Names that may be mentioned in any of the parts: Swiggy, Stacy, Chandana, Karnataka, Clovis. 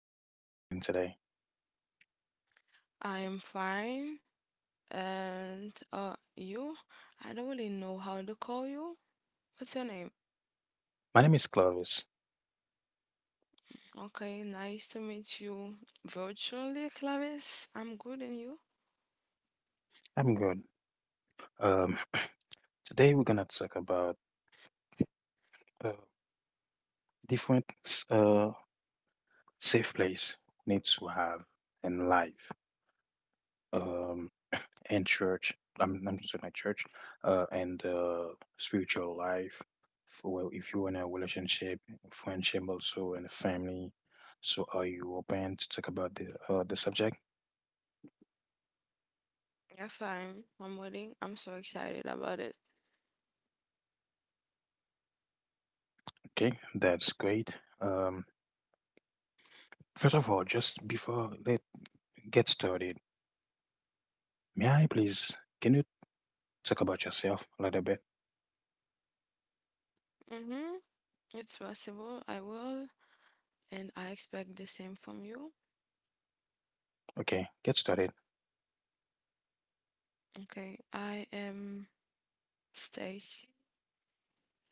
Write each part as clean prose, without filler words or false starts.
Stacy. How are you doing today? I am fine. And you? I don't really know how to call you. What's your name? My name is Clovis. Okay, nice to meet you virtually, Clavis. I'm good, and you? I'm good. Um, Today we're gonna talk about uh, different safe place we need to have in life, um, and church. I'm just my church, and spiritual life. For well, if you're in a relationship, friendship, also in and family. So are you open to talk about the subject? Yes, I'm waiting. I'm so excited about it. Okay, that's great. Um, First of all, just before let get started. May I please, can you talk about yourself a little bit? Mm-hmm. It's possible. I will, and I expect the same from you. Okay, get started. Okay, I am Stacy.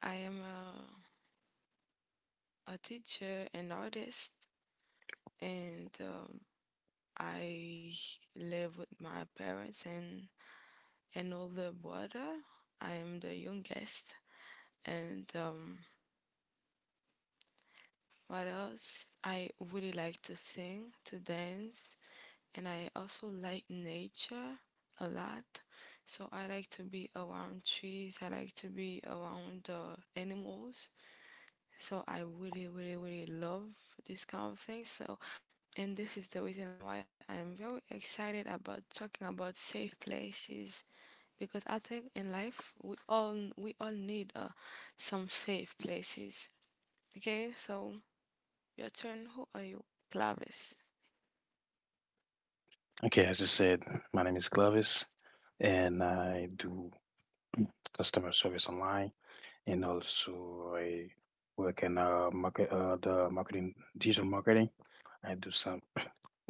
I am a teacher and artist, and I live with my parents and. And all the brother. I am the youngest. And What else? I really like to sing, to dance, and I also like nature a lot. So I like to be around trees, I like to be around the animals. So I really, really, really love this kind of thing. So, and this is the reason why I am very excited about talking about safe places because I think in life we all need some safe places. Okay, so your turn. Who are you, Clavis? Okay, as you said, my name is Clovis and I do customer service online and also I work in the marketing, digital marketing. I do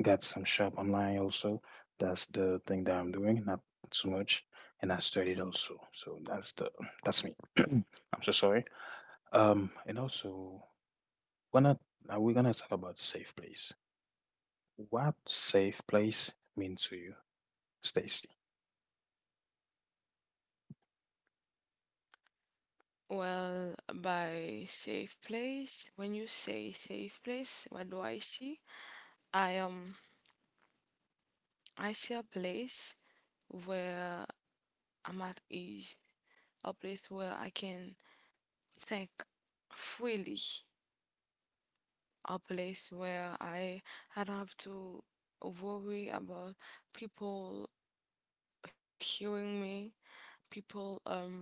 got some shop online also. That's the thing that I'm doing, not so much. And I studied also. So that's me. I'm so sorry. And also, we're not, we're gonna talk about safe place. What safe place mean to you, Stacy? Well, by safe place, when you say safe place, what do I see? I um I see a place where I'm at ease, a place where I can think freely, a place where I don't have to worry about people hearing me, people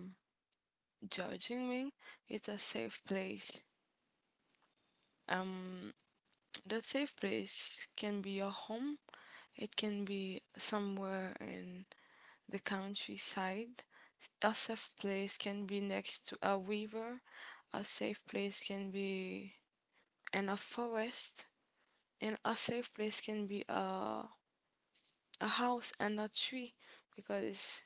judging me. It's a safe place. Um, that safe place can be your home. It can be somewhere in the countryside. A safe place can be next to a river. A safe place can be in a forest. And a safe place can be a house and a tree because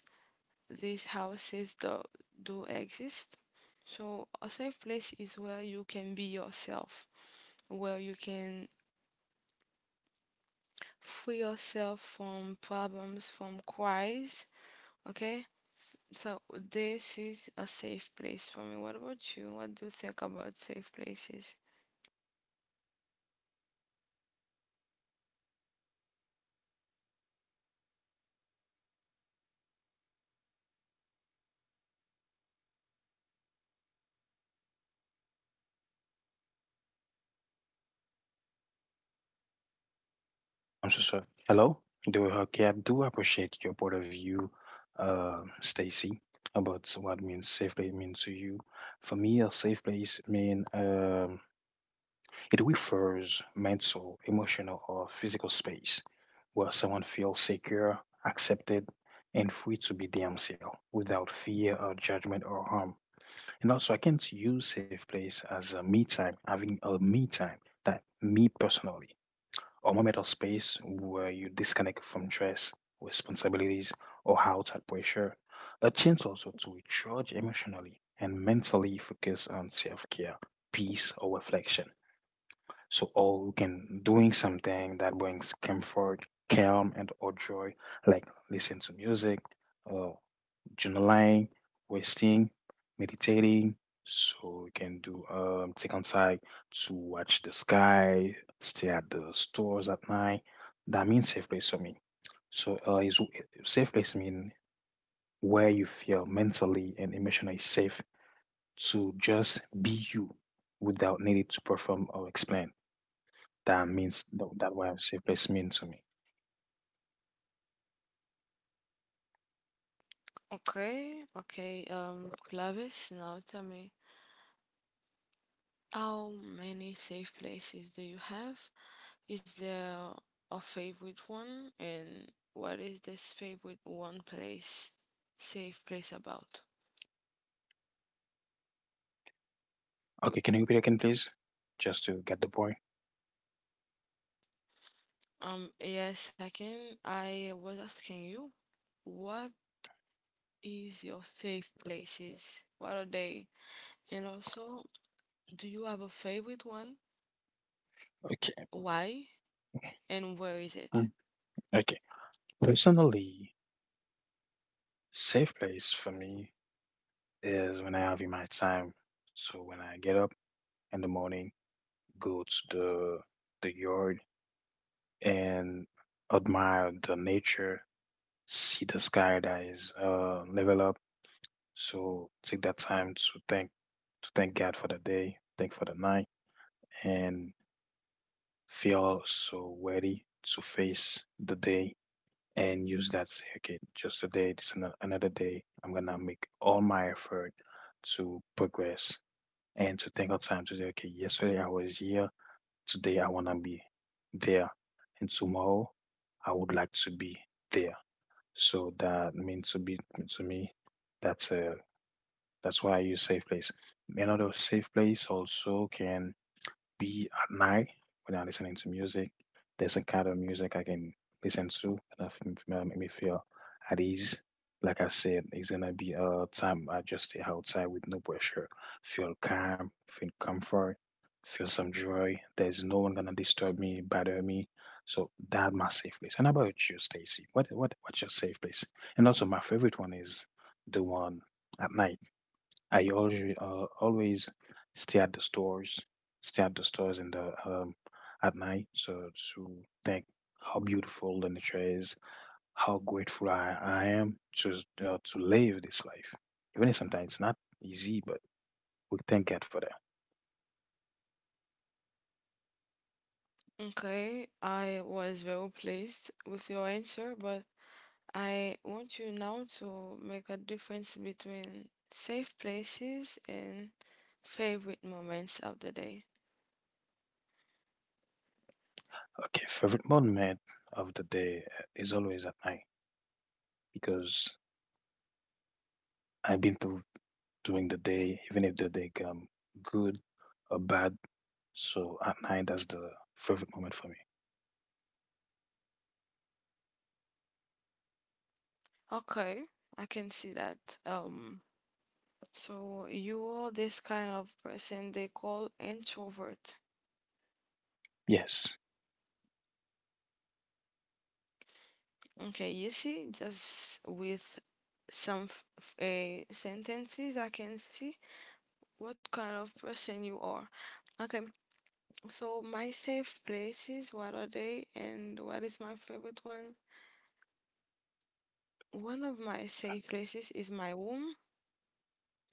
these houses do exist. So a safe place is where you can be yourself, where you can free yourself from problems, from cries. Okay? So this is a safe place for me. What about you? What do you think about safe places? I'm so sorry. Hello? Do okay, I do appreciate your point of view, Stacy, about what means safe place means to you. For me, a safe place mean it refers mental, emotional, or physical space where someone feels secure, accepted, and free to be themselves without fear or judgment or harm. And also, I can't use safe place as a me time, having a me time that me personally, or moment of space where you disconnect from stress, responsibilities, or outside pressure. A chance also to recharge emotionally and mentally focus on self care, peace, or reflection. So, all you can doing something that brings comfort, calm, and or joy, like listen to music journaling, resting, meditating. So you can do take on time to watch the sky, stay at the stores at night. That means safe place for me. So is safe place mean where you feel mentally and emotionally safe to just be you without needing to perform or explain. That means that what safe place mean to me. Okay, okay. Clavis, now tell me, how many safe places do you have? Is there a favorite one? And what is this favorite one place, safe place about? Okay, can you repeat again, please? Just to get the point. Yeah, second, I was asking you, what is your safe places? What are they? And also, do you have a favorite one? Okay. Why? And where is it? Mm, Okay. Personally, safe place for me is when I have in my time. So when I get up in the morning, go to the yard and admire the nature, see the sky that is level up. So take that time to thank God for the day, thank for the night, and feel so ready to face the day and use that say, okay, just a day, this is another day. I'm gonna make all my effort to progress and to take our time to say, okay, yesterday I was here, today I want to be there, and tomorrow I would like to be there. So that means to me, that's a that's why I use safe place. Another safe place also can be at night when I'm listening to music. There's a kind of music I can listen to and make me feel at ease. Like I said, it's gonna be a time I just stay outside with no pressure, feel calm, feel comfort, feel some joy. There's no one gonna disturb me, bother me. So that's my safe place. And how about you, Stacy? What's your safe place? And also my favorite one is the one at night. I always Always stay at the stores, stay at the stores in the at night, so to think how beautiful the nature is, how grateful I am to live this life. Even if sometimes it's not easy, but we thank God for that. Okay, I was very pleased with your answer, but I want you now to make a difference between safe places and favorite moments of the day. Okay, favorite moment of the day is always at night because I've been through during the day, even if the day come good or bad. So at night, that's the favorite moment for me. Okay, I can see that. Um, so you are this kind of person they call introvert. Yes. Okay, you see, just with some sentences, I can see what kind of person you are. Okay, so my safe places, what are they, and what is my favorite one? One of my safe places is my womb,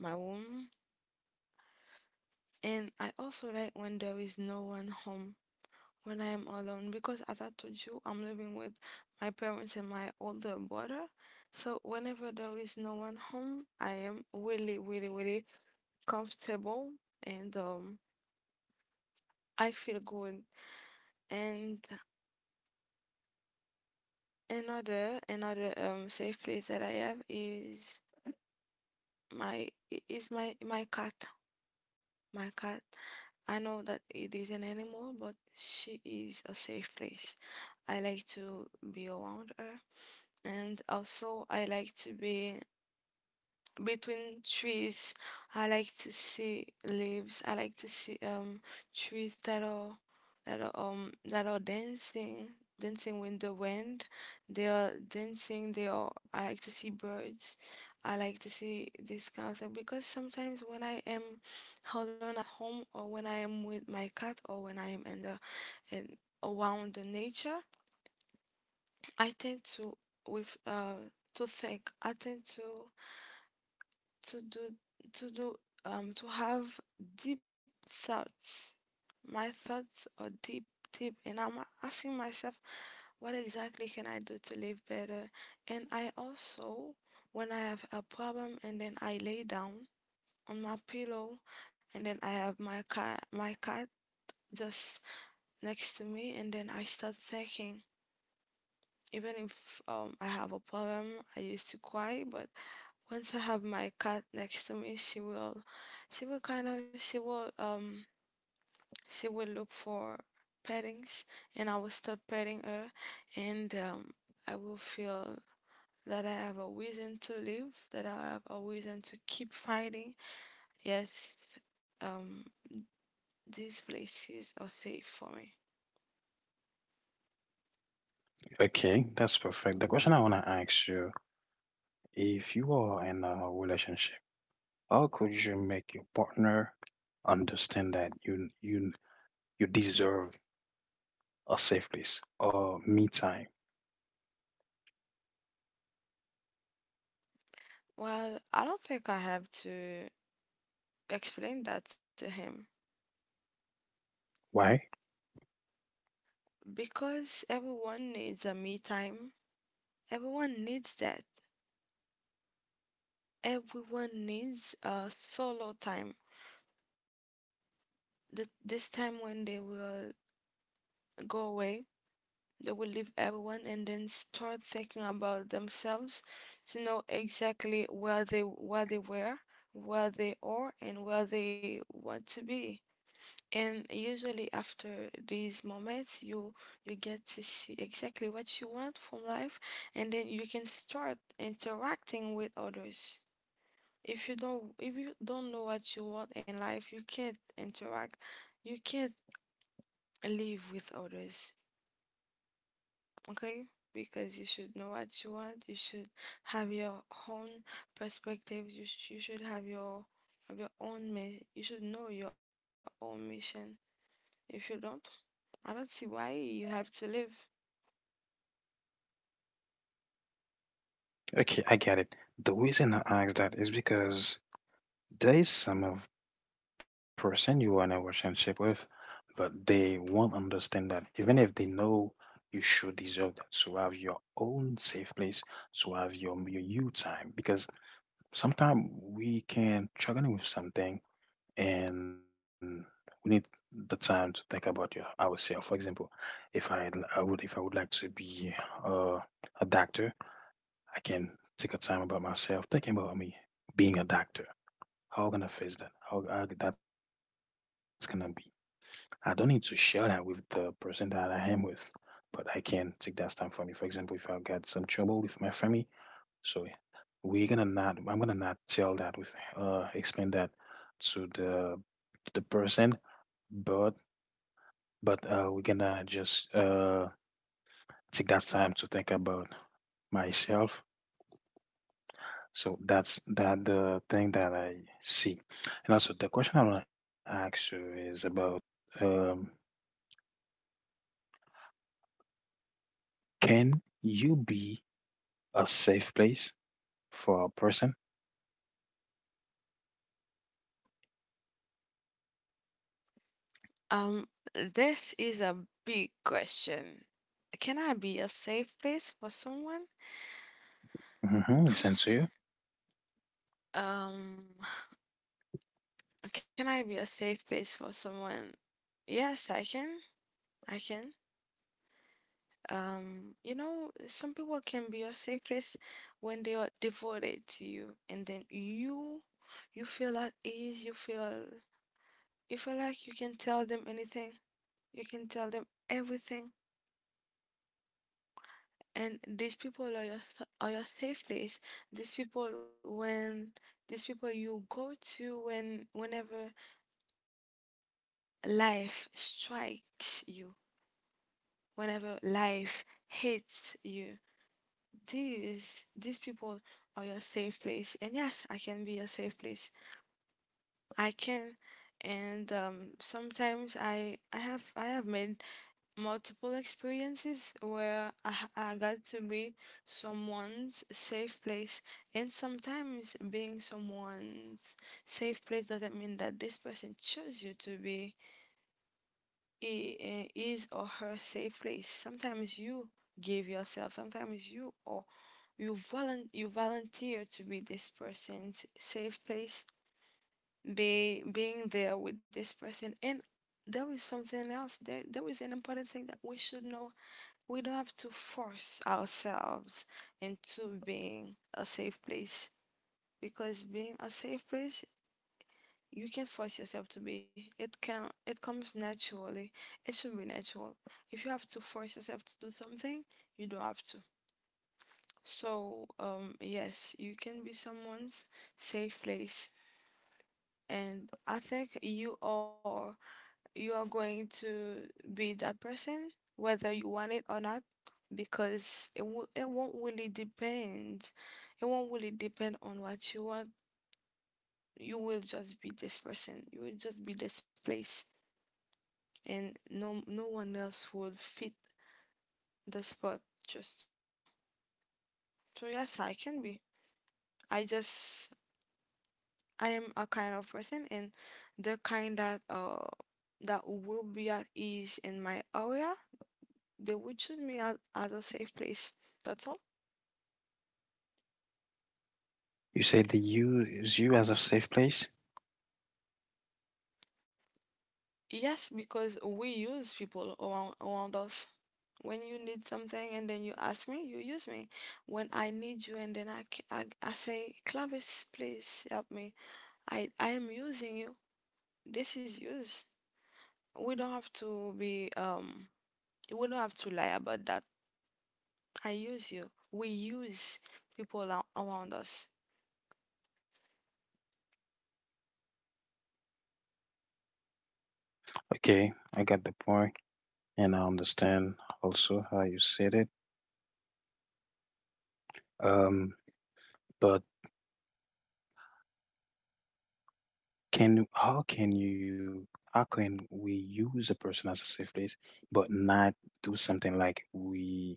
my womb, and I also like when there is no one home, when I am alone, because as I told you, I'm living with my parents and my older brother. So whenever there is no one home, I am really, really, really comfortable, and I feel good. And another safe place that I have is my cat. My cat, I know that it is an animal, but she is a safe place. I like to be around her, and also I like to be between trees. I like to see leaves. I like to see trees that are that are dancing, dancing with the wind. They are dancing. They are. I like to see birds. I like to see this kind of thing because sometimes when I am alone at home or when I am with my cat or when I am in the in around the nature, I tend to with to think. I tend to do to do to have deep thoughts. My thoughts are deep, and I'm asking myself, what exactly can I do to live better? And I also, when I have a problem, and then I lay down on my pillow, and then I have my cat just next to me, and then I start thinking. Even if I have a problem, I used to cry, but once I have my cat next to me, she will kind of, she will look for pettings, and I will start petting her, and I will feel that I have a reason to live, that I have a reason to keep fighting. Yes, um, these places are safe for me. Okay, that's perfect. The question I want to ask you, if you are in a relationship, how could you make your partner understand that you deserve a safe place or me time? Well, I don't think I have to explain that to him Why? because everyone needs a me time. Everyone needs that. Everyone needs a solo time. This time when they will go away, they will leave everyone and then start thinking about themselves to know exactly where they were, where they are, and where they want to be. And usually after these moments, you get to see exactly what you want from life, and then you can start interacting with others. If you don't know what you want in life, you can't interact. You can't live with others, okay? Because you should know what you want. You should have your own perspective. You should have you should know your own mission. If you don't, I don't see why you have to live. Okay, I get it. The reason I ask that is because there is some of person you are in a relationship with, but they won't understand that even if they know you should deserve that. So have your own safe place, so have your you time because sometimes we can struggling with something and we need the time to think about your ourselves. For example, if I if I would like to be uh, a doctor, I can take a time about myself, thinking about me being a doctor. How I'm gonna face that? How that's gonna be? I don't need to share that with the person that I am with, but I can take that time for me. For example, if I got some trouble with my family, so we're gonna not. I'm gonna not tell that with explain that to the person, but we're gonna just take that time to think about myself. So that's that the thing that I see. And also the question I wanna ask you is about um can you be a safe place for a person? Um, this is a big question. Can I be a safe place for someone? Mm-hmm, listen to you. Um, Can I be a safe place for someone? Yes, I can. I can. You know, some people can be your safe place when they are devoted to you, and then you feel at ease. You feel like you can tell them anything. You can tell them everything, and these people are your safe place. These people when these people you go to when whenever life strikes you whenever life hits you. These people are your safe place, and yes, I can be a safe place. I can, and sometimes I have made multiple experiences where I got to be someone's safe place, and sometimes being someone's safe place doesn't mean that this person chose you to be his or her safe place. Sometimes you give yourself, sometimes you volunteer to be this person's safe place, be being there with this person. And there is something else. There is an important thing that we should know. We don't have to force ourselves into being a safe place because being a safe place you can't force yourself to be. It comes naturally. It should be natural. If you have to force yourself to do something, you don't have to. So, yes, you can be someone's safe place. And I think you are going to be that person whether you want it or not because it won't really depend. It won't really depend on what you want. You will just be this person. You will just be this place. And no one else would fit the spot, just you. So yes, I can be. I just i am a kind of person, and the kind that will be at ease in my area. They would choose me as a safe place. That's all. You said they use you as a safe place. Yes, because we use people around us. When you need something and then you ask me, you use me. When I need you and then I say, Clavis, please help me, I, am using you. This is use. We don't have to be we don't have to lie about that. I use you. We use people around us. Okay, I got the point, and I understand also how you said it. Um, but can how can you how can we use a person as a safe place, but not do something like we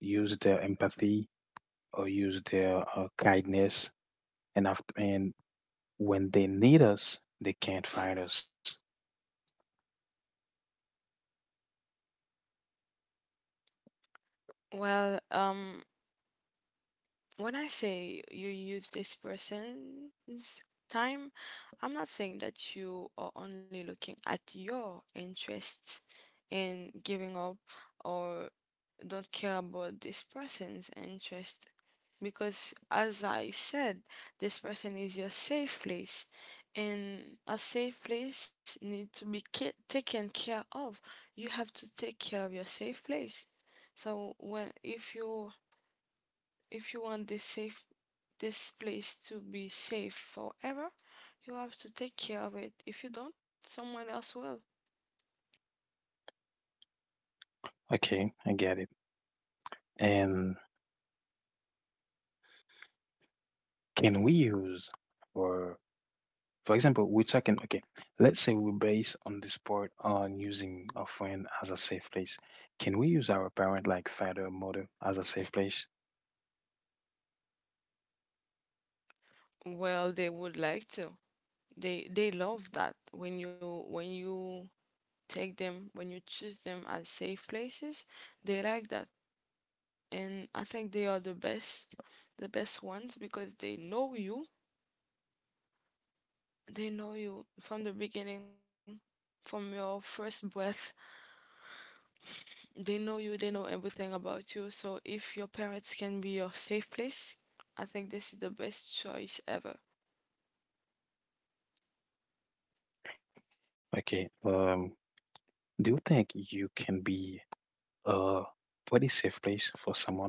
use their empathy or use their kindness, and after and when they need us, they can't find us. Well, when I say you use this person's time, I'm not saying that you are only looking at your interests and giving up or don't care about this person's interests because as I said, this person is your safe place, and a safe place need to be taken care of. You have to take care of your safe place. So when if you want this safe this place to be safe forever, you have to take care of it. If you don't, someone else will. Okay, I get it. And can we use or for example, we're talking, okay, let's say we base on the sport on using a friend as a safe place. Can we use our parent, like father or mother, as a safe place? Well, they would like to. They love that when you take them, when you choose them as safe places. They like that, and I think they are the best ones because they know you, they know you from the beginning, from your first breath. They know you, they know everything about you. So if your parents can be your safe place, I think this is the best choice ever. Okay, do you think you can be a pretty safe place for someone?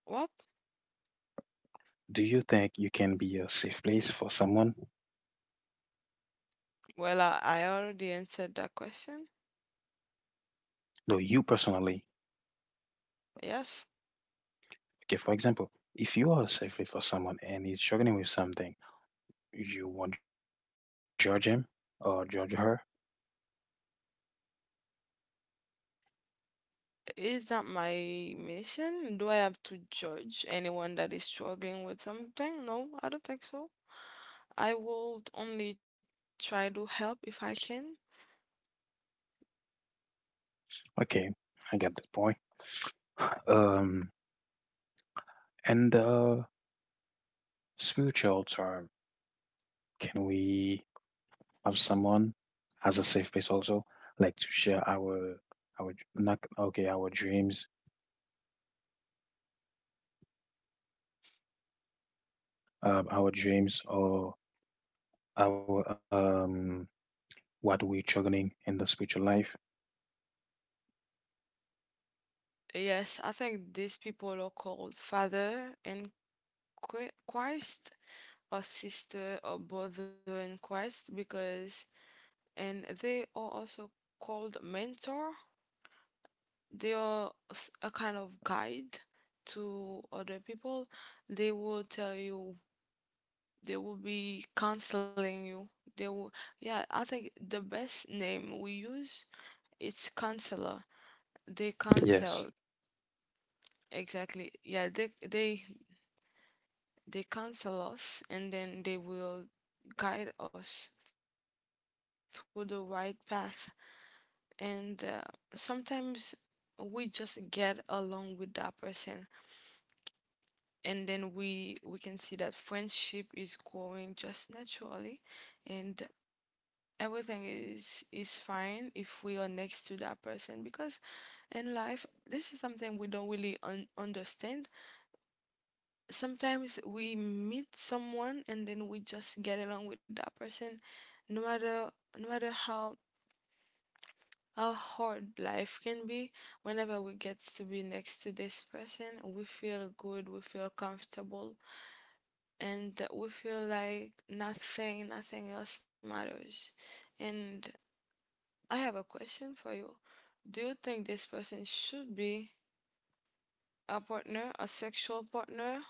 What? Do you think you can be a safe place for someone? Well, I already answered that question. No, you personally. Yes. Okay, for example, if you are a safe place for someone and he's struggling with something, you won't judge him or judge her. Is that my mission? Do I have to judge anyone that is struggling with something? No, I don't think so. I will only try to help if I can. Okay, I get the point. Um, In the spiritual term, can we have someone as a safe place also, like to share our not okay our dreams or our um what we're struggling in the spiritual life? Yes, I think these people are called father in Christ or sister or brother in Christ, because and they are also called mentor. They are a kind of guide to other people. They will tell you they will be canceling you. They will, yeah, I think the best name we use it's canceller. They Yes. cancel exactly. Yeah, they they cancel us, and then they will guide us through the right path. And sometimes we just get along with that person, and then we can see that friendship is growing just naturally, and everything is fine if we are next to that person. Because in life this is something we don't really understand. Sometimes we meet someone and then we just get along with that person, no matter, no matter how hard life can be. Whenever we get to be next to this person, we feel good, we feel comfortable, and we feel like nothing else matters. And I have a question for you. Do you think this person should be a partner, a sexual partner?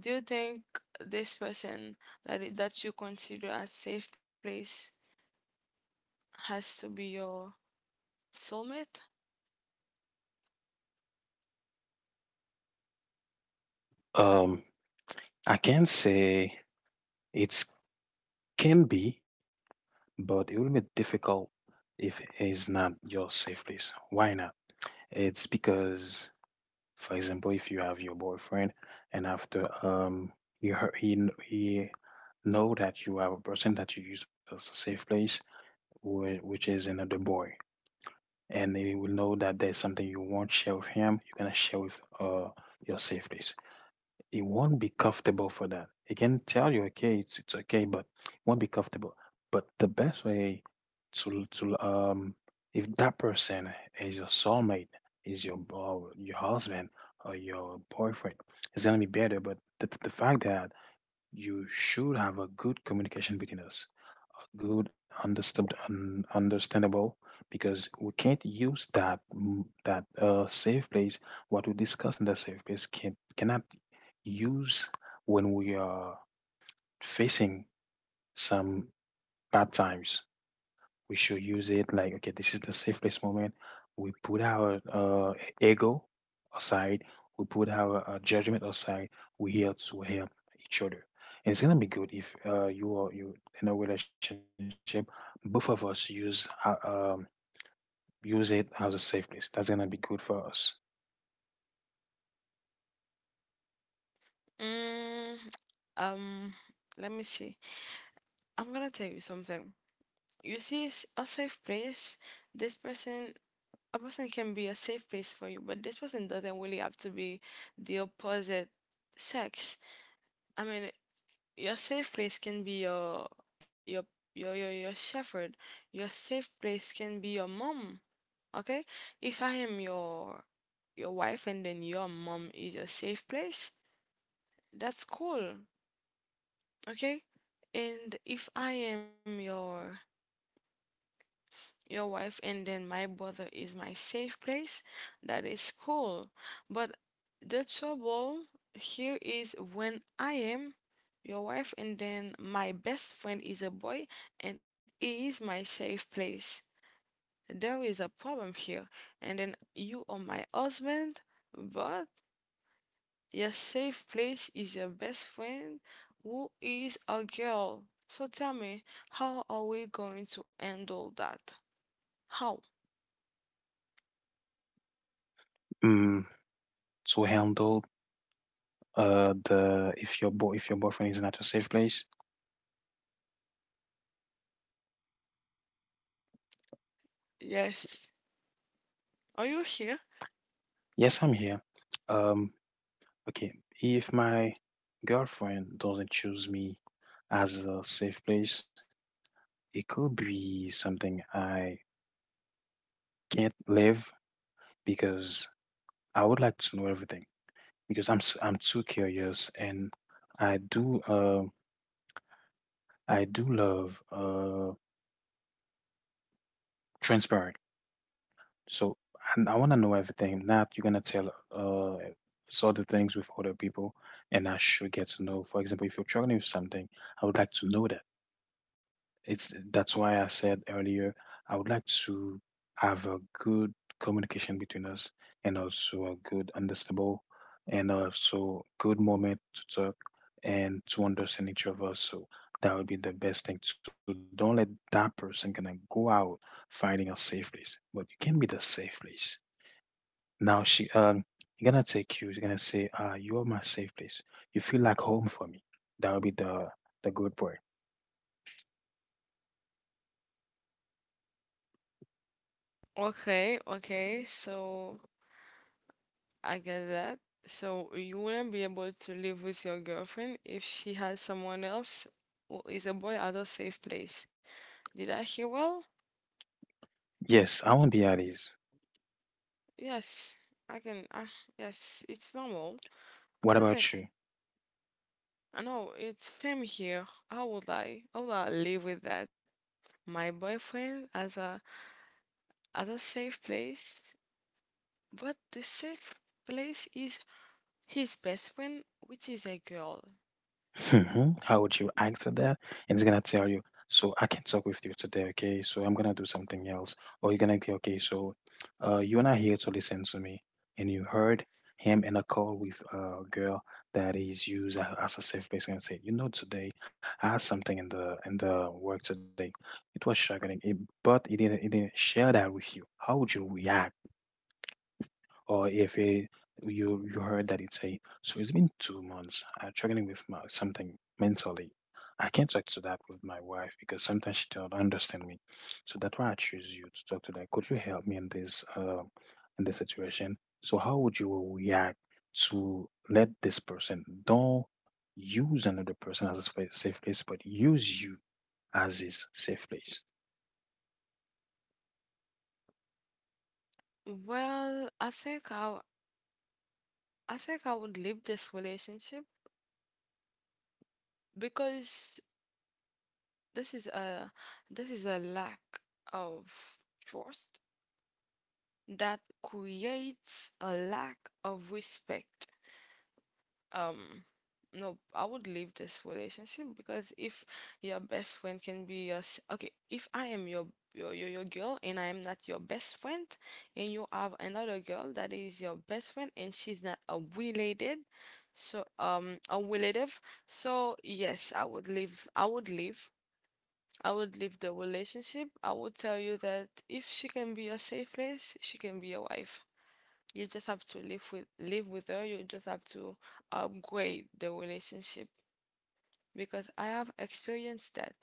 Do you think this person that that you consider a safe place has to be your soulmate? Um, I can say it can be, but it will be difficult if it's not your safe place. Why not? It's because for example, if you have your boyfriend and after he heard, he kn- he know that you are a person that you use as a safe place, which is another boy, and he will know that there's something you won't share with him. You're gonna share with your safe place. He won't be comfortable for that. He can tell you, okay, it's okay, but he won't be comfortable. But the best way to um, if that person is your soulmate, is your husband or your boyfriend, it's gonna be better. But the fact that you should have a good communication between us, good understood, understandable, because we can't use that safe place. What we discuss in that safe place can cannot use when we are facing some bad times. We should use it like okay, this is the safest moment. We put our ego aside, we put our judgment aside. We here to help each other, and it's gonna be good if you are you in a relationship, both of us use use it as a safe place. That's gonna be good for us. Mm, um, let me see. I'm gonna tell you something. You see, a safe place. This person, a person can be a safe place for you, but this person doesn't really have to be the opposite sex. I mean, your safe place can be your your shepherd. Your safe place can be your mom. Okay? If I am your wife and then your mom is your safe place, that's cool. Okay? And if I am your wife and then my brother is my safe place, that is cool. But the trouble here is when I am your wife, and then my best friend is a boy, and he is my safe place. There is a problem here, and then you are my husband, but your safe place is your best friend, who is a girl. So tell me, how are we going to handle that? How? mm, to handle the if your if your boyfriend is not a safe place, Yes. Are you here? yes, I'm here. um, okay, if my girlfriend doesn't choose me as a safe place, it could be something I can't live because I would like to know everything because I'm too curious and I do uh, I do love transparent. So I want to know everything. Not you're gonna tell sort things with other people, and I should get to know. For example, if you're struggling with something, I would like to know that. It's That's why I said earlier, I would like to have a good communication between us and also a good understandable and also good moment to talk and to understand each of us. So that would be the best thing. So don't let that person gonna go out finding a safe place. But you can be the safe place. Now she gonna take you. She's gonna say, you are my safe place. You feel like home for me. That would be the good part. Okay, okay. So I get that. So you wouldn't be able to live with your girlfriend if she has someone else who is a boy at a safe place. Did I hear well? Yes, I won't be at ease. Yes, I can. Yes, it's normal. I What don't think. about you? I know it's same here. How would I? How would I live with that? My boyfriend as a at a safe place, but the safe place is his best friend, which is a girl. Mhm. How would you act to that? And it's gonna tell you, so I can talk with you today, okay? So I'm gonna do something else. Or you're gonna be okay, so you're not here to listen to me. And you heard him in a call with a girl that is used as a safe place and say, today I had something in the work today. It was struggling, but it didn't share that with you. How would you react? Or if it, you heard that it's a so it's been 2 months. I'm struggling with something mentally. I can't talk to that with my wife because sometimes she don't understand me, so that's why I choose you to talk to that. Could you help me in this situation? So how would you react to let this person don't use another person as a safe place but use you as his safe place? Well, I think I think I would leave this relationship because this is a this is a lack of trust that creates a lack of respect. um no, I would leave this relationship. Because if your best friend can be your okay, if I am your girl and I am not your best friend, and you have another girl that is your best friend and she's not a related, so a relative. So yes, I would leave, I would leave, I would leave the relationship. I would tell you that if she can be your safe place, she can be your wife. You just have to live with her. You just have to upgrade the relationship, because I have experienced that.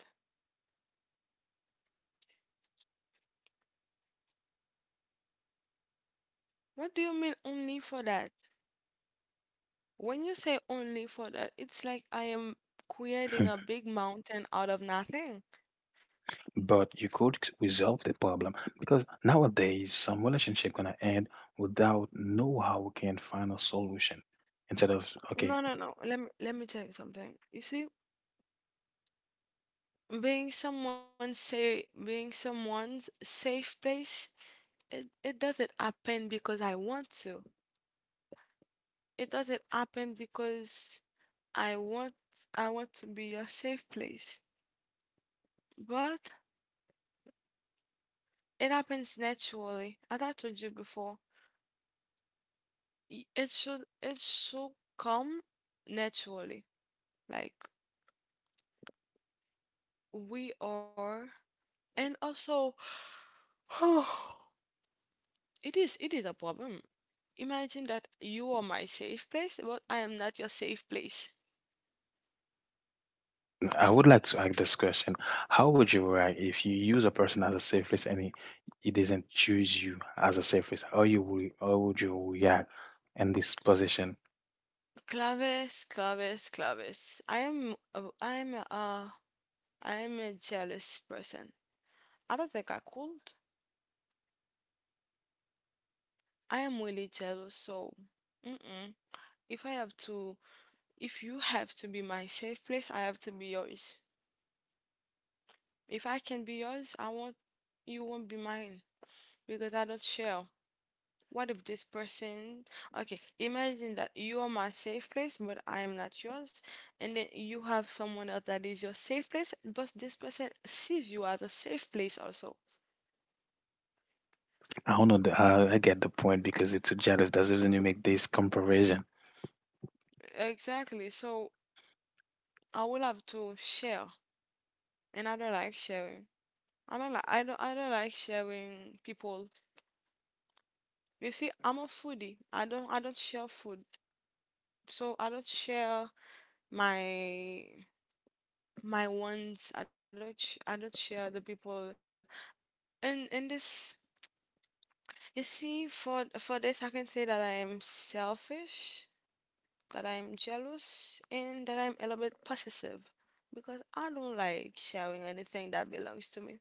What do you mean only for that? When you say only for that, it's like I am creating a big mountain out of nothing. But you could resolve the problem, because nowadays some relationship gonna end without know how we can find a solution. Instead of. Okay, No, no, no. Let me tell you something. You see, being someone's say being someone's safe place, it doesn't happen because I want to. It doesn't happen because I want I want to be a safe place. But it happens naturally. As I told you before, it should come naturally. Like we are. And also it is a problem. Imagine that you are my safe place, but I am not your safe place. I would like to ask this question: how would you react if you use a person as a safe surface and he doesn't choose you as a safe surface? How would you react in this position? Claves, claves, claves. I am a jealous person. I don't think I could. I am really jealous, so mm-mm. If I have to, if you have to be my safe place, I have to be yours. If I can be yours, I won't, you won't be mine, because I don't share. What if this person, okay, imagine that you are my safe place, but I am not yours, and then you have someone else that is your safe place, but this person sees you as a safe place also. I don't know. I get the point because it's a jealous. That's the reason you make this comparison. Exactly, so I will have to share, and I don't like sharing. I don't like sharing people. You see, I'm a foodie. I don't share food. So I don't share my my wants. I don't I don't share the people. And in this, you see, for this, I can say that I am selfish, that I am jealous, and that I'm a little bit possessive, because I don't like sharing anything that belongs to me.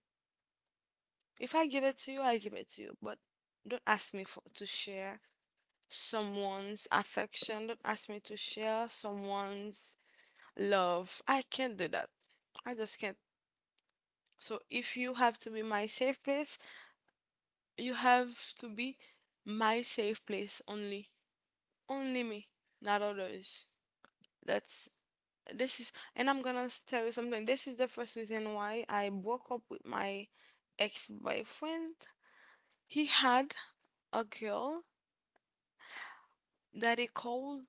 If I give it to you, I give it to you, but don't ask me for to share someone's affection. Don't ask me to share someone's love. I can't do that. I just can't. So if you have to be my safe place, you have to be my safe place only. Only me, not others. That's this is and I'm gonna tell you something. This is the first reason why I broke up with my ex boyfriend. He had a girl that he called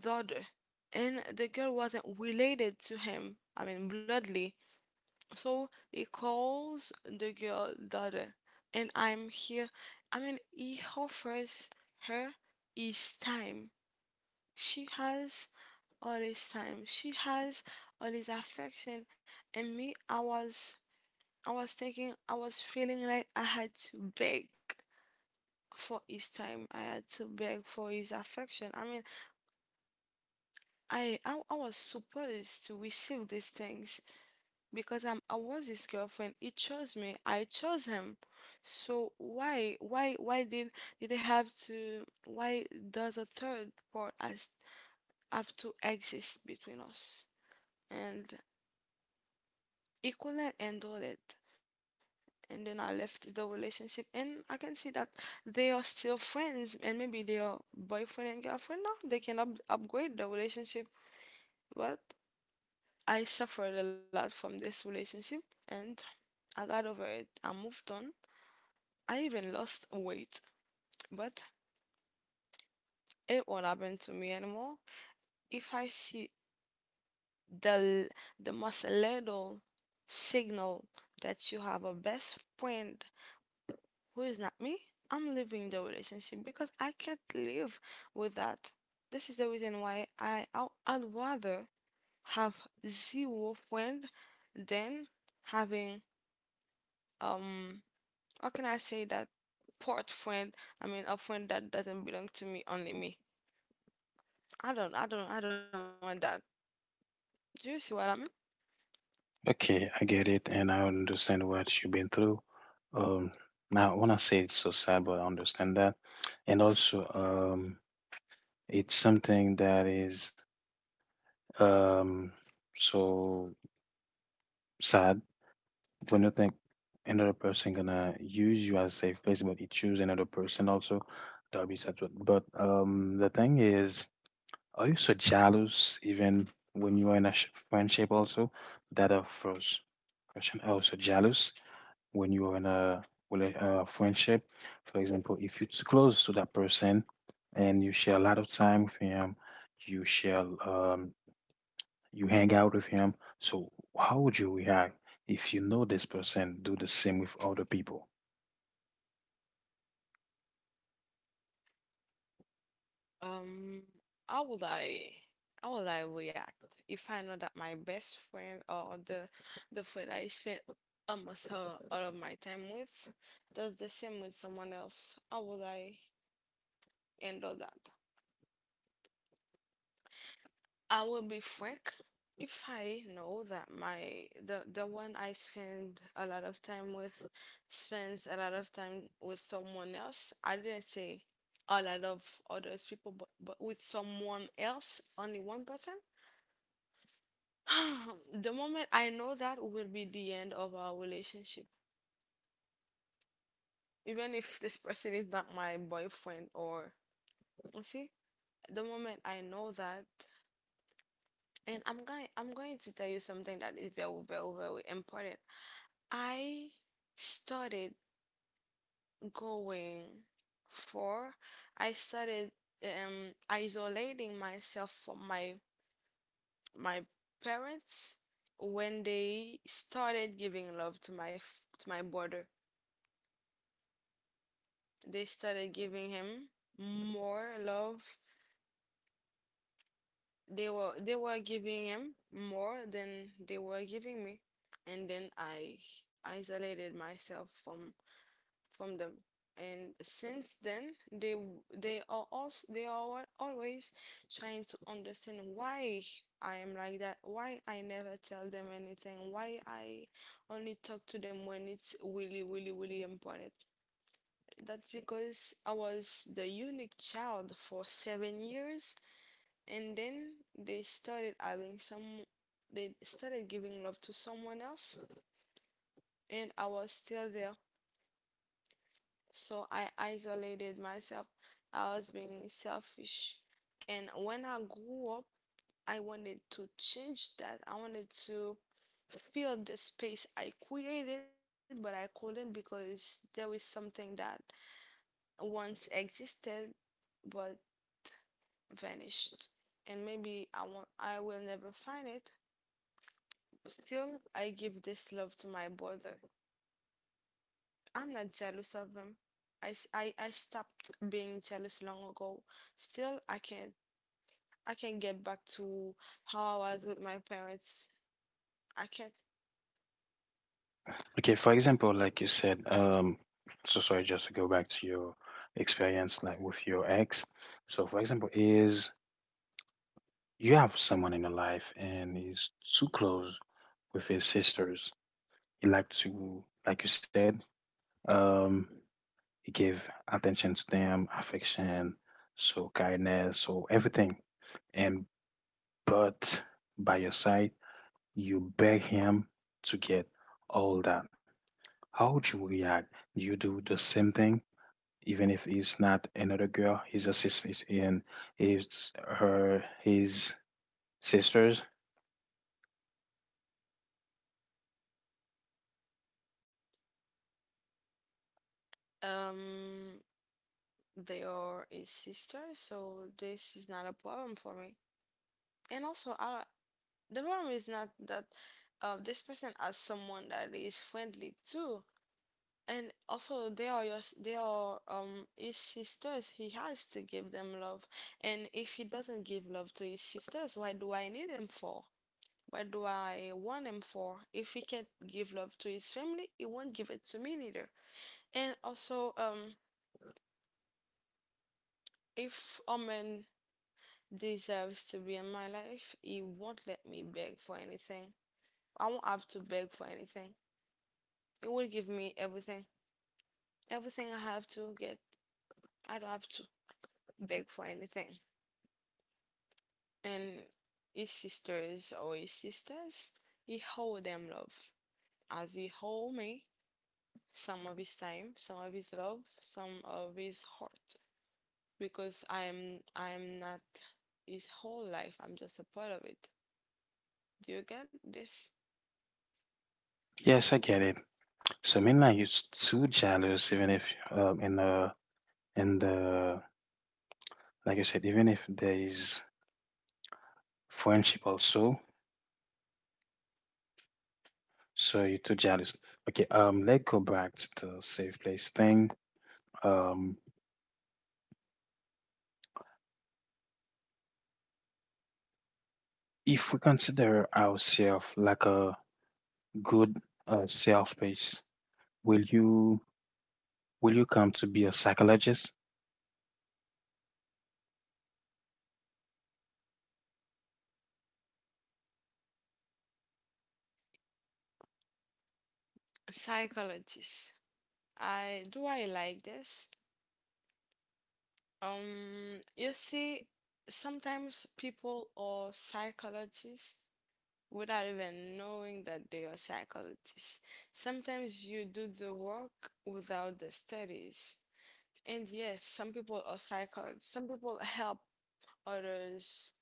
Dodger, and the girl wasn't related to him, I mean, bloodly. So he calls the girl daughter, and I'm here. I mean, he offers her his time. She has all his time. She has all his affection. And me, I was thinking, I was feeling like I had to beg for his time. I had to beg for his affection. I mean, I was supposed to receive these things because I was his girlfriend. He chose me. I chose him. So why did it have to why does a third part as have to exist between us? And he couldn't handle it. And then I left the relationship, and I can see that they are still friends, and maybe they are boyfriend and girlfriend now. They can up, upgrade the relationship. But I suffered a lot from this relationship, and I got over it. I moved on. I even lost weight, but it won't happen to me anymore. If I see the the most little signal that you have a best friend who is not me, I'm leaving the relationship, because I can't live with that. This is the reason why I'd rather have zero friend than having um how can I say that port friend? I mean, a friend that doesn't belong to me, only me. I don't want that. Do you see what I mean? Okay, I get it, and I understand what you've been through. Um, Now, when I say it's so sad, but I understand that, and also, um, it's something that is um so sad when you think another person gonna use you as a safe place, but you choose another person also. That'll be sad. But the thing is. Are you so jealous even when you are in a friendship also? That a first question. Are you so jealous when you are in a friendship? For example, if you're too close to that person and you share a lot of time with him, you share, um, you hang out with him. So how would you react if you know this person do the same with other people? Um, how would I, how would I react if I know that my best friend or the friend I spent almost all of my time with does the same with someone else? How would I handle that? I will be frank. If I know that my the one I spend a lot of time with spends a lot of time with someone else. I didn't say a lot of others people, but with someone else, only one person. The moment I know that will be the end of our relationship, even if this person is not my boyfriend or you see. The moment I know that, and I'm going to tell you something that is very, very, very important. I started going for I started isolating myself from my my parents when they started giving love to my to my brother. They started giving him more love. They were giving him more than they were giving me. And then I isolated myself from them. And since then, they they are also they are always trying to understand why I am like that, why I never tell them anything, why I only talk to them when it's really, really, really important. That's because I was the unique child for 7 years, and then they started having some, they started giving love to someone else, and I was still there. So I isolated myself. I was being selfish. And when I grew up, I wanted to change that. I wanted to fill the space I created, but I couldn't, because there was something that once existed but vanished. And maybe I won't, I will never find it. Still, I give this love to my brother. I'm not jealous of him. I stopped being jealous long ago. Still, I can get back to how I was with my parents. I can't. Okay, for example, like you said, so sorry, just to go back to your experience, like with your ex. So, for example, is you have someone in your life and he's too close with his sisters. Like you said, um, he give attention to them, affection, so kindness, so everything. And but by your side, you beg him to get all that. How would you react? Do you do the same thing? Even if it's not another girl, his assistant, and it's her his sisters. Um, they are a sister, so this is not a problem for me. And also, the problem is not that this person has someone that is friendly too. And also, they are his sisters. He has to give them love. And if he doesn't give love to his sisters, why do I need him for? What do I want him for? If he can't give love to his family, he won't give it to me neither. And also, if a man deserves to be in my life, he won't let me beg for anything. I won't have to beg for anything. He will give me everything. Everything I have to get, I don't have to beg for anything. And his sisters or his sisters, he hold them love as he hold me some of his time, some of his love, some of his heart. Because I'm not his whole life. I'm just a part of it. Do you get this? Yes, I get it. So Midnight is too jealous, even if, in the in the like I said, even if there is friendship also. So you're too jealous. Okay, let's go back to the safe place thing. Um, if we consider ourselves like a good self place, will you will you come to be a psychologist? Psychologist. I like this? You see, sometimes people are psychologists without even knowing that they are psychologists. Sometimes you do the work without the studies. And yes, some people are psychologists. Some people help others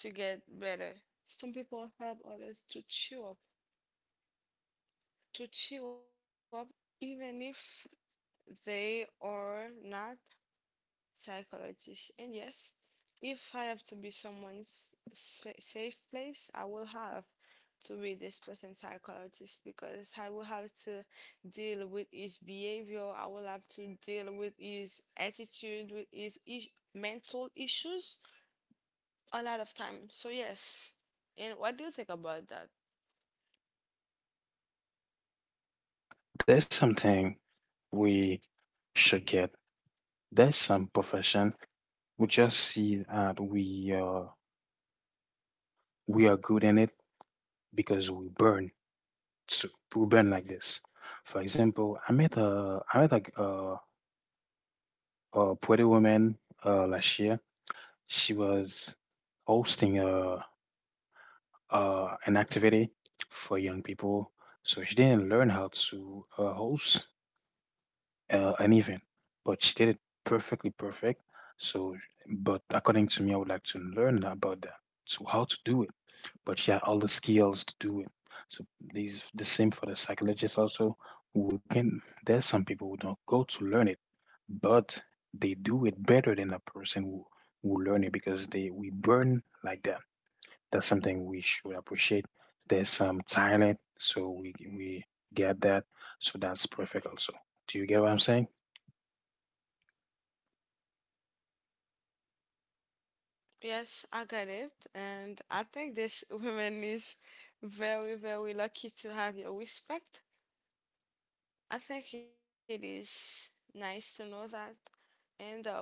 to get better. Some people help others to cheer up, to cheer up even if they are not psychologists. And yes, if I have to be safe place, I will have to be this person's psychologist because I will have to deal with his behavior. I will have to deal with his attitude, mental issues a lot of time. So yes. And what do you think about that? There's something we should get. There's some profession we just see that we are good in it because to we burn like this. For example, I met a a Puerto woman last year. She was hosting a, an activity for young people, so she didn't learn how to host, an but she did it perfectly perfect. So, but according to me, I would like to learn about that. So, how to do it, but she had all the skills to do it. So, these the same for the psychologists also. There's some people who don't go to learn it, but they do it better than a person who learn it because they we burn like that. That's something we should appreciate. There's some talent, so we get that. So that's perfect also. Do you get what I'm saying? Yes, I got it. And I think this woman is very, very lucky to have your respect. I think it is nice to know that. And um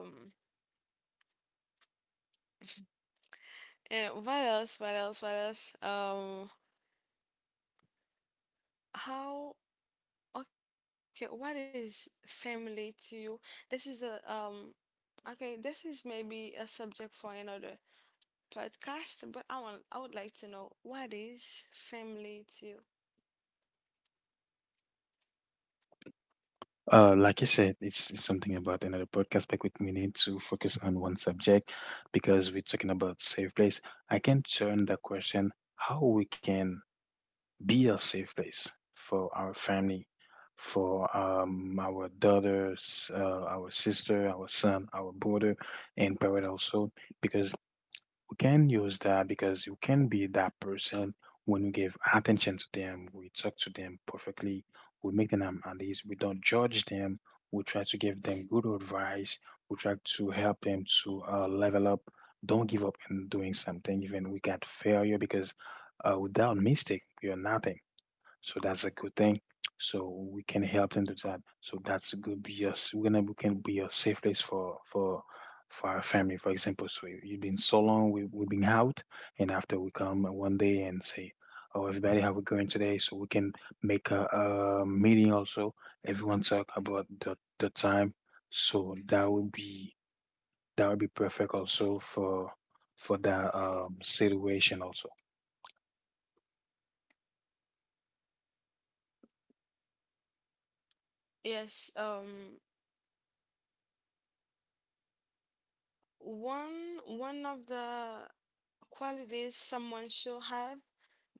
and what else? What else? What else? How okay, what is family to you? This is a okay, this is maybe a subject for another podcast, but I would like to know, what is family to you? Like I said, it's something about another podcast, but we need to focus on one subject because we're talking about safe place. I can turn that question how we can be a safe place for our family, for our daughters, our sister, our son, our brother, and parent also, because we can use that because you can be that person when we give attention to them, we talk to them perfectly, we make them at least, we don't judge them, we try to give them good advice, we try to help them to level up. Don't give up in doing something, even we got failure because, without mistake, we are nothing. So that's a good thing. So we can help them do that. So that's good. Be us. We can be a safe place for our family, for example. So you've been so long we've been out, and after we come one day and say, "Oh, everybody, how we going today?" So we can make a meeting also. Everyone talk about the time. So that would be perfect also for that situation also. Yes, um, one of the qualities someone should have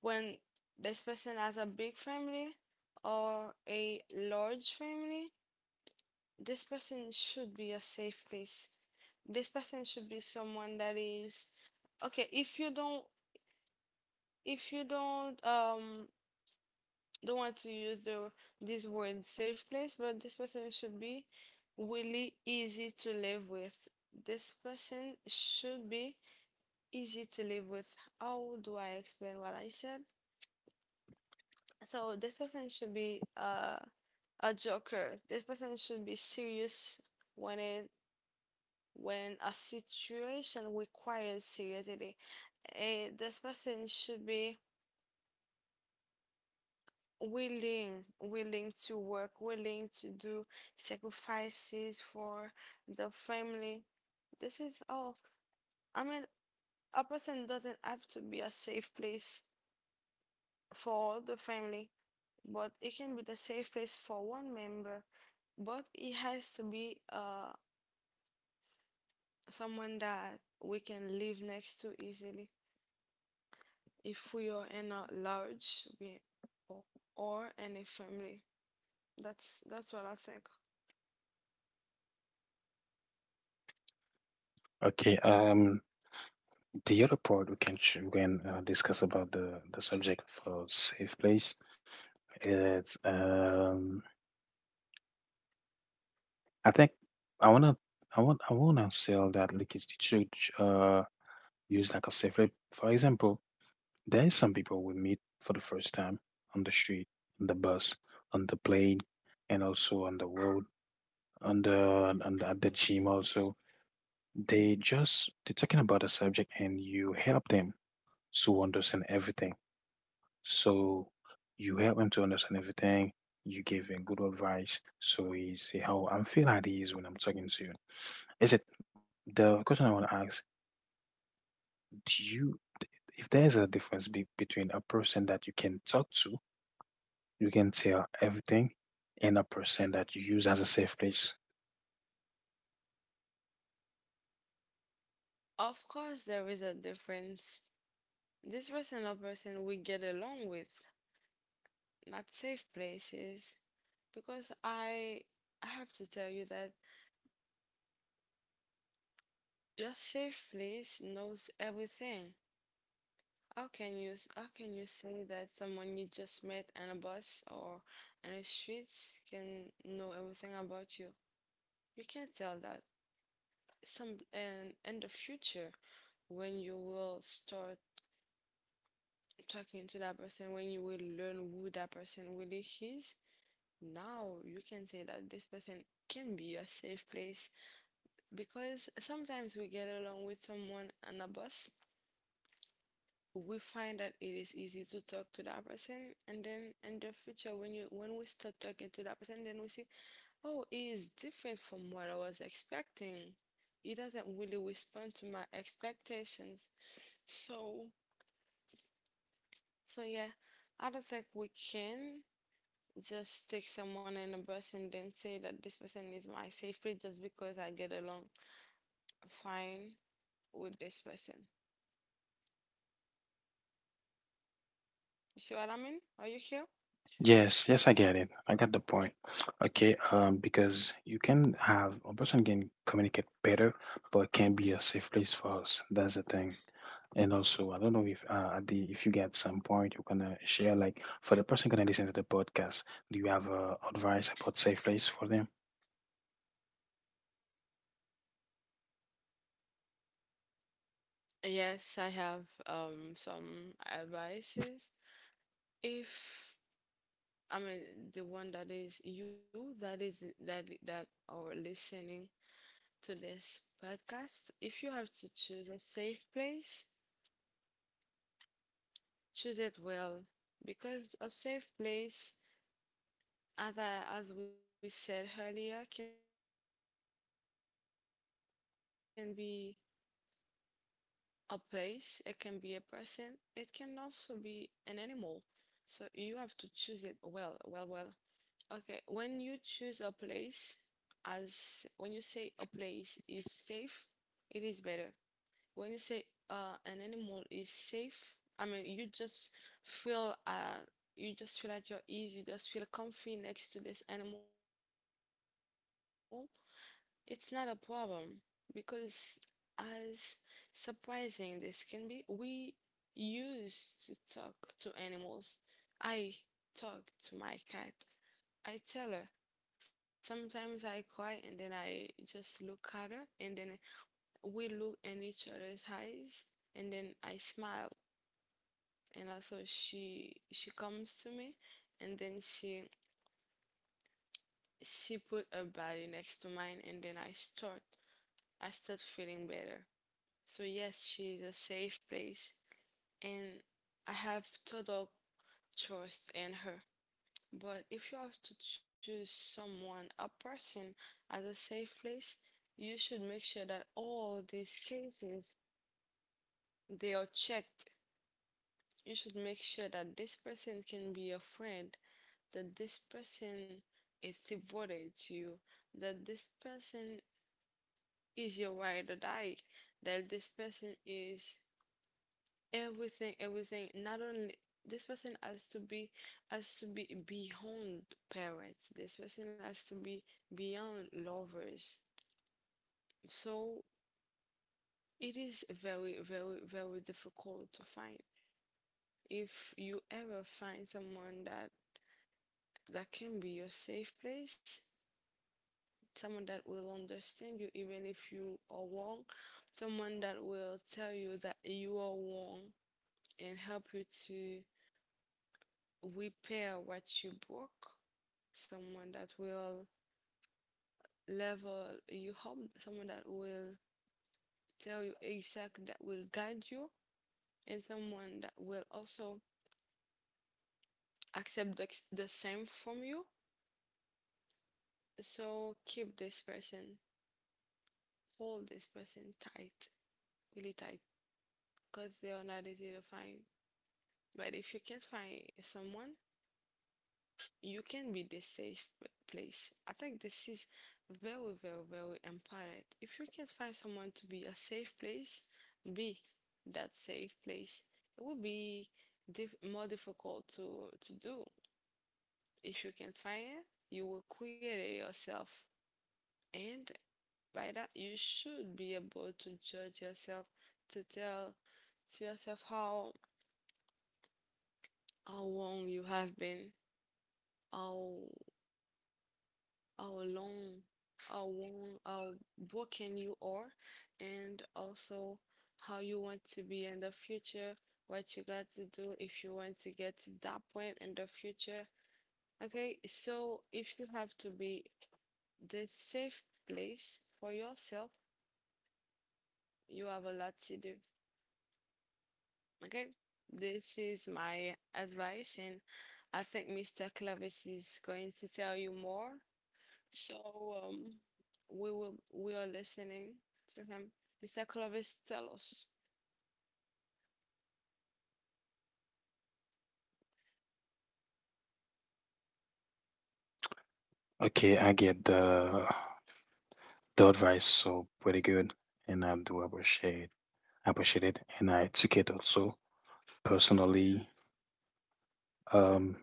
when this person has a big family or a large family, this person should be a safe place. This person should be someone that is okay, if you don't want to use the this word safe place, but this person should be really easy to live with. This person should be easy to live with. How do I explain what I said? So this person should be a joker. This person should be serious when it when a situation requires seriously. This person should be willing to work, willing to do sacrifices for the family. This is all. I mean, a person doesn't have to be a safe place for the family, but it can be the safe place for one member, but it has to be someone that we can live next to easily if we are in or or in a family. That's what I think. Okay. The other part we can discuss about the subject for safe place is I think I wanna I wanna sell that like it's the church, use like a safe place. For example, there is some people we meet for the first time on the street, on the bus, on the plane, and also on the road, on the at the gym also. They're talking about a subject and you help them to understand everything. So you help him to understand everything. You give him good advice. So he say how I'm feeling at ease when I'm talking to you. Is it the question I want to ask? Do you, if there's a difference between a person that you can talk to, you can tell everything, and a person that you use as a safe place? Of course, there is a difference. This person or person we get along with, not safe places, because I have to tell you that your safe place knows everything. How can you say that someone you just met on a bus or on the streets can know everything about you? You can't tell that. Some and in the future, when you will start talking to that person, when you will learn who that person really is, now you can say that this person can be a safe place, because sometimes we get along with someone on a bus, we find that it is easy to talk to that person, and then in the future, when we start talking to that person, then we see, oh, he is different from what I was expecting. He doesn't really respond to my expectations. So so yeah, I don't think we can just take someone in a bus and then say that this person is my safe place just because I get along fine with this person. You see what I mean? Are you here? Yes, yes, I get it. I got the point. Okay, because you can have a person can communicate better, but it can be a safe place for us. That's the thing. And also, I don't know if, at the if you get some point you're gonna share like for the person gonna listen to the podcast, do you have advice about safe place for them? Yes, I have some advices. If I mean, the one that is you, that is that that are listening to this podcast, if you have to choose a safe place, choose it well, because a safe place, as I, as we said earlier, can be a place, it can be a person, it can also be an animal. So you have to choose it well, well, well. Okay, when you choose a place, as when you say a place is safe, it is better. When you say an animal is safe, I mean, feel uh you just feel at your ease, you just feel comfy next to this animal. It's not a problem because, as surprising this can be, we used to talk to animals. I talk to my cat, I tell her. Sometimes I cry and then I just look at her and then we look in each other's eyes and then I smile, and also she comes to me and then she put her body next to mine, and then I start feeling better. So yes, she's a safe place, and I have total trust in her. But if you have to choose someone, a person as a safe place, you should make sure that all these cases they are checked. You should make sure that this person can be a friend, that this person is devoted to you, that this person is your ride or die, that this person is everything, everything. Not only this person has to be, beyond parents. This person has to be beyond lovers. So it is very, very, very difficult to find. If you ever find someone that can be your safe place, someone that will understand you even if you are wrong, someone that will tell you that you are wrong and help you to repair what you broke, someone that will level you up, someone that will tell you exactly, that will guide you, and someone that will also accept the same from you. So keep this person, hold this person tight, really tight, because they are not easy to find. But if you can't find someone, you can be the safe place. I think this is very, very, very important. If you can find someone to be a safe place, be that safe place. It will be diff more difficult to do. If you can find it, you will create it yourself. And by that, you should be able to judge yourself, to tell to yourself how wrong you have been, how how long, how broken you are, and also how you want to be in the future, what you got to do if you want to get to that point in the future. Okay, so if you have to be the safe place for yourself, you have a lot to do. Okay, this is my advice, and I think Mr. Clavis is going to tell you more. So um, we are listening to him. Mr. Clovis, tell us. Okay, I get the advice, so pretty good, and I do appreciate it, and I took it also personally, um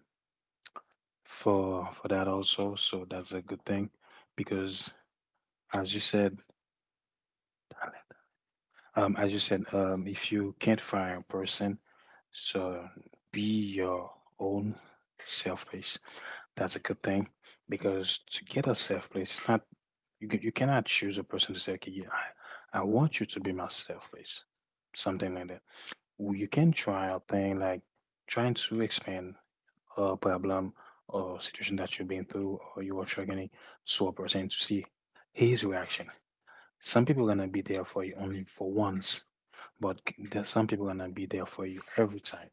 for that also, so that's a good thing because as you said, as you said, if you can't find a person, so be your own self place. That's a good thing because to get a self place, it's not, you cannot choose a person to say, okay, yeah, I want you to be my self place, something like that. You can try a thing like trying to expand a problem or situation that you've been through or you are struggling to a person to see his reaction. Some people are gonna be there for you only for once, but there's some people gonna be there for you every time.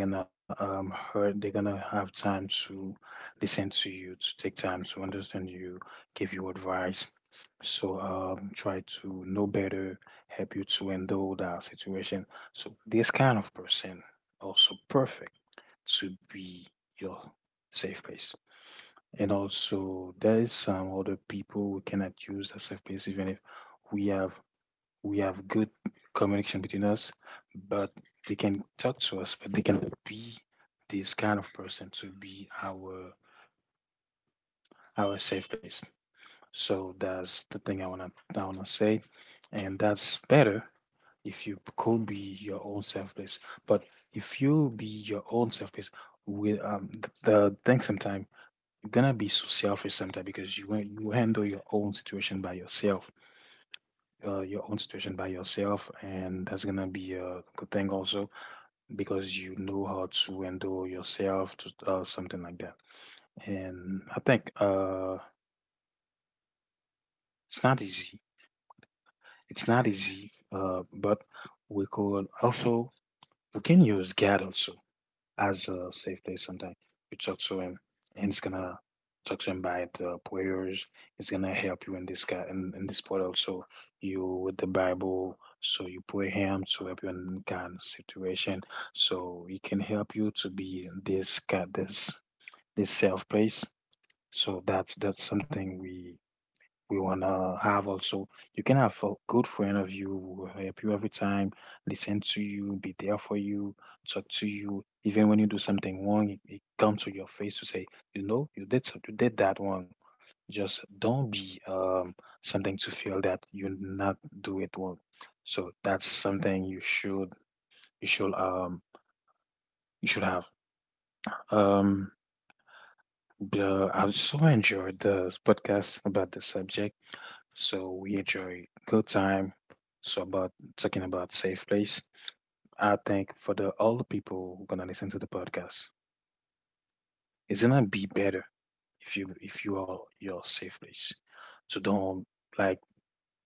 They're gonna hurt. They're gonna have time to listen to you, to take time to understand you, give you advice. So, try to know better, help you to handle that situation. So this kind of person also perfect to be your safe place. And also there is some other people we cannot use as safe place even if we have we have good communication between us, but they can talk to us, but they cannot be this kind of person to be our safe place. So that's the thing I wanna say, and that's better if you could be your own safe place. But if you be your own safe place, with the thing sometime you're gonna be so selfish sometimes because you you handle your own situation by yourself, and that's gonna be a good thing also because you know how to handle yourself to, something like that. And I think, it's not easy, but we could also we can use God also as a safe place sometimes. You talk to him, and it's gonna talk to him by the prayers. It's gonna help you in this guy, in this part also. You with the Bible, so you pray him to help you in kind of situation, so he can help you to be in this kind, this the self place. So that's something we wanna have also. You can have a good friend of you who will help you every time, listen to you, be there for you, talk to you. Even when you do something wrong, it comes to your face to say, you did you did that wrong. Just don't be, something to feel that you not do it wrong. So that's something you should um you should have. Um I so enjoyed the podcast about the subject. So we enjoy good time. So about talking about safe place. I think for the all the people who gonna listen to the podcast, it's gonna be better if you are your safe place. So don't like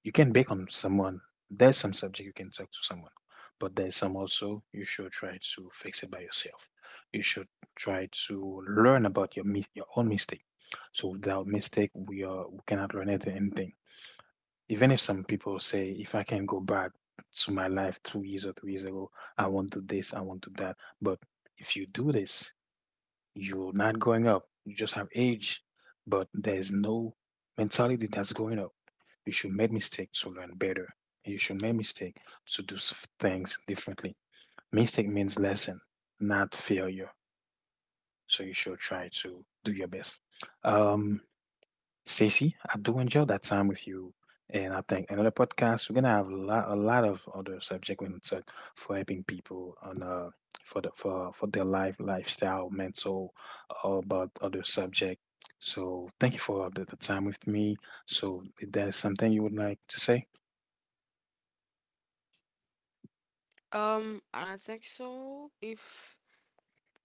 you can bake on someone. There's some subject you can talk to someone, but there's some also you should try to fix it by yourself. You should try to learn about your your own mistake. So without mistake, we cannot learn anything. Even if some people say, if I can go back to my life 2 years or 3 years ago, I won't do this, I won't do that. But if you do this, you're not going up. You just have age, but there's no mentality that's going up. You should make mistakes to learn better. You should make mistake to do things differently. Mistake means lesson, not failure. So you should try to do your best. Um, Stacy, I do enjoy that time with you. And I think another podcast, we're gonna have a lot of other subject we're gonna talk for helping people on, for their life, lifestyle, mental, or about other subject. So thank you for the time with me. So if there's something you would like to say. I don't think so. If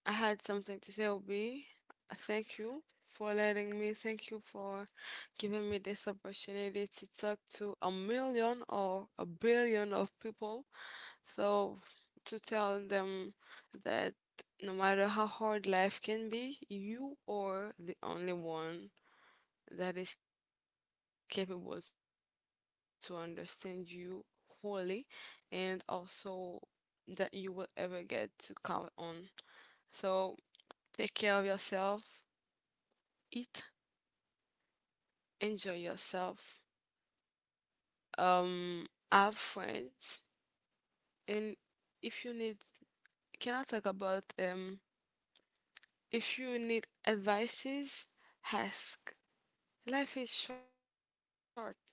I had something to say, would be thank you for letting me. Thank you for giving me this opportunity to talk to a million or a billion of people. So to tell them that no matter how hard life can be, you are the only one that is capable to understand you wholly, and also that you will ever get to count on. So take care of yourself, eat, enjoy yourself, have friends, and if you need, can I talk about if you need advices, ask. Life is short, live.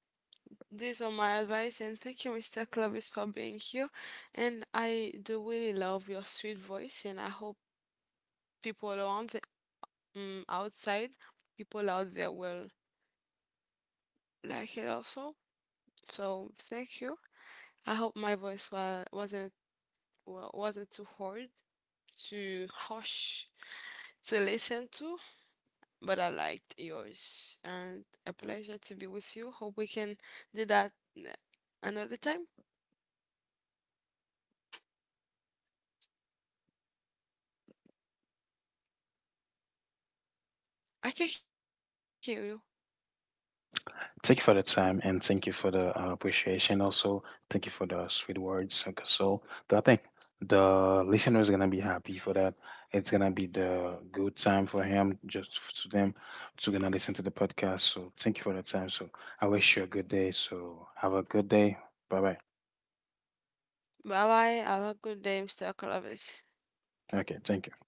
These are my advice, and thank you, Mr. Clovis, for being here. And I do really love your sweet voice, and I hope people around the, outside, people out there will like it also. So thank you. I hope my voice wasn't wasn't too hard, too harsh to listen to, but I liked yours, and a pleasure to be with you. Hope we can do that uh, another time. I can hear you. Thank you for the time and thank you for the, appreciation. Also, thank you for the sweet words. Okay, so, I think the listener is gonna be happy for that. It's gonna be the good time for him, just to them, to gonna listen to the podcast. So, thank you for the time. So, I wish you a good day. So, have a good day. Bye bye. Bye bye. Have a good day, Mr. Clovis. Okay, thank you.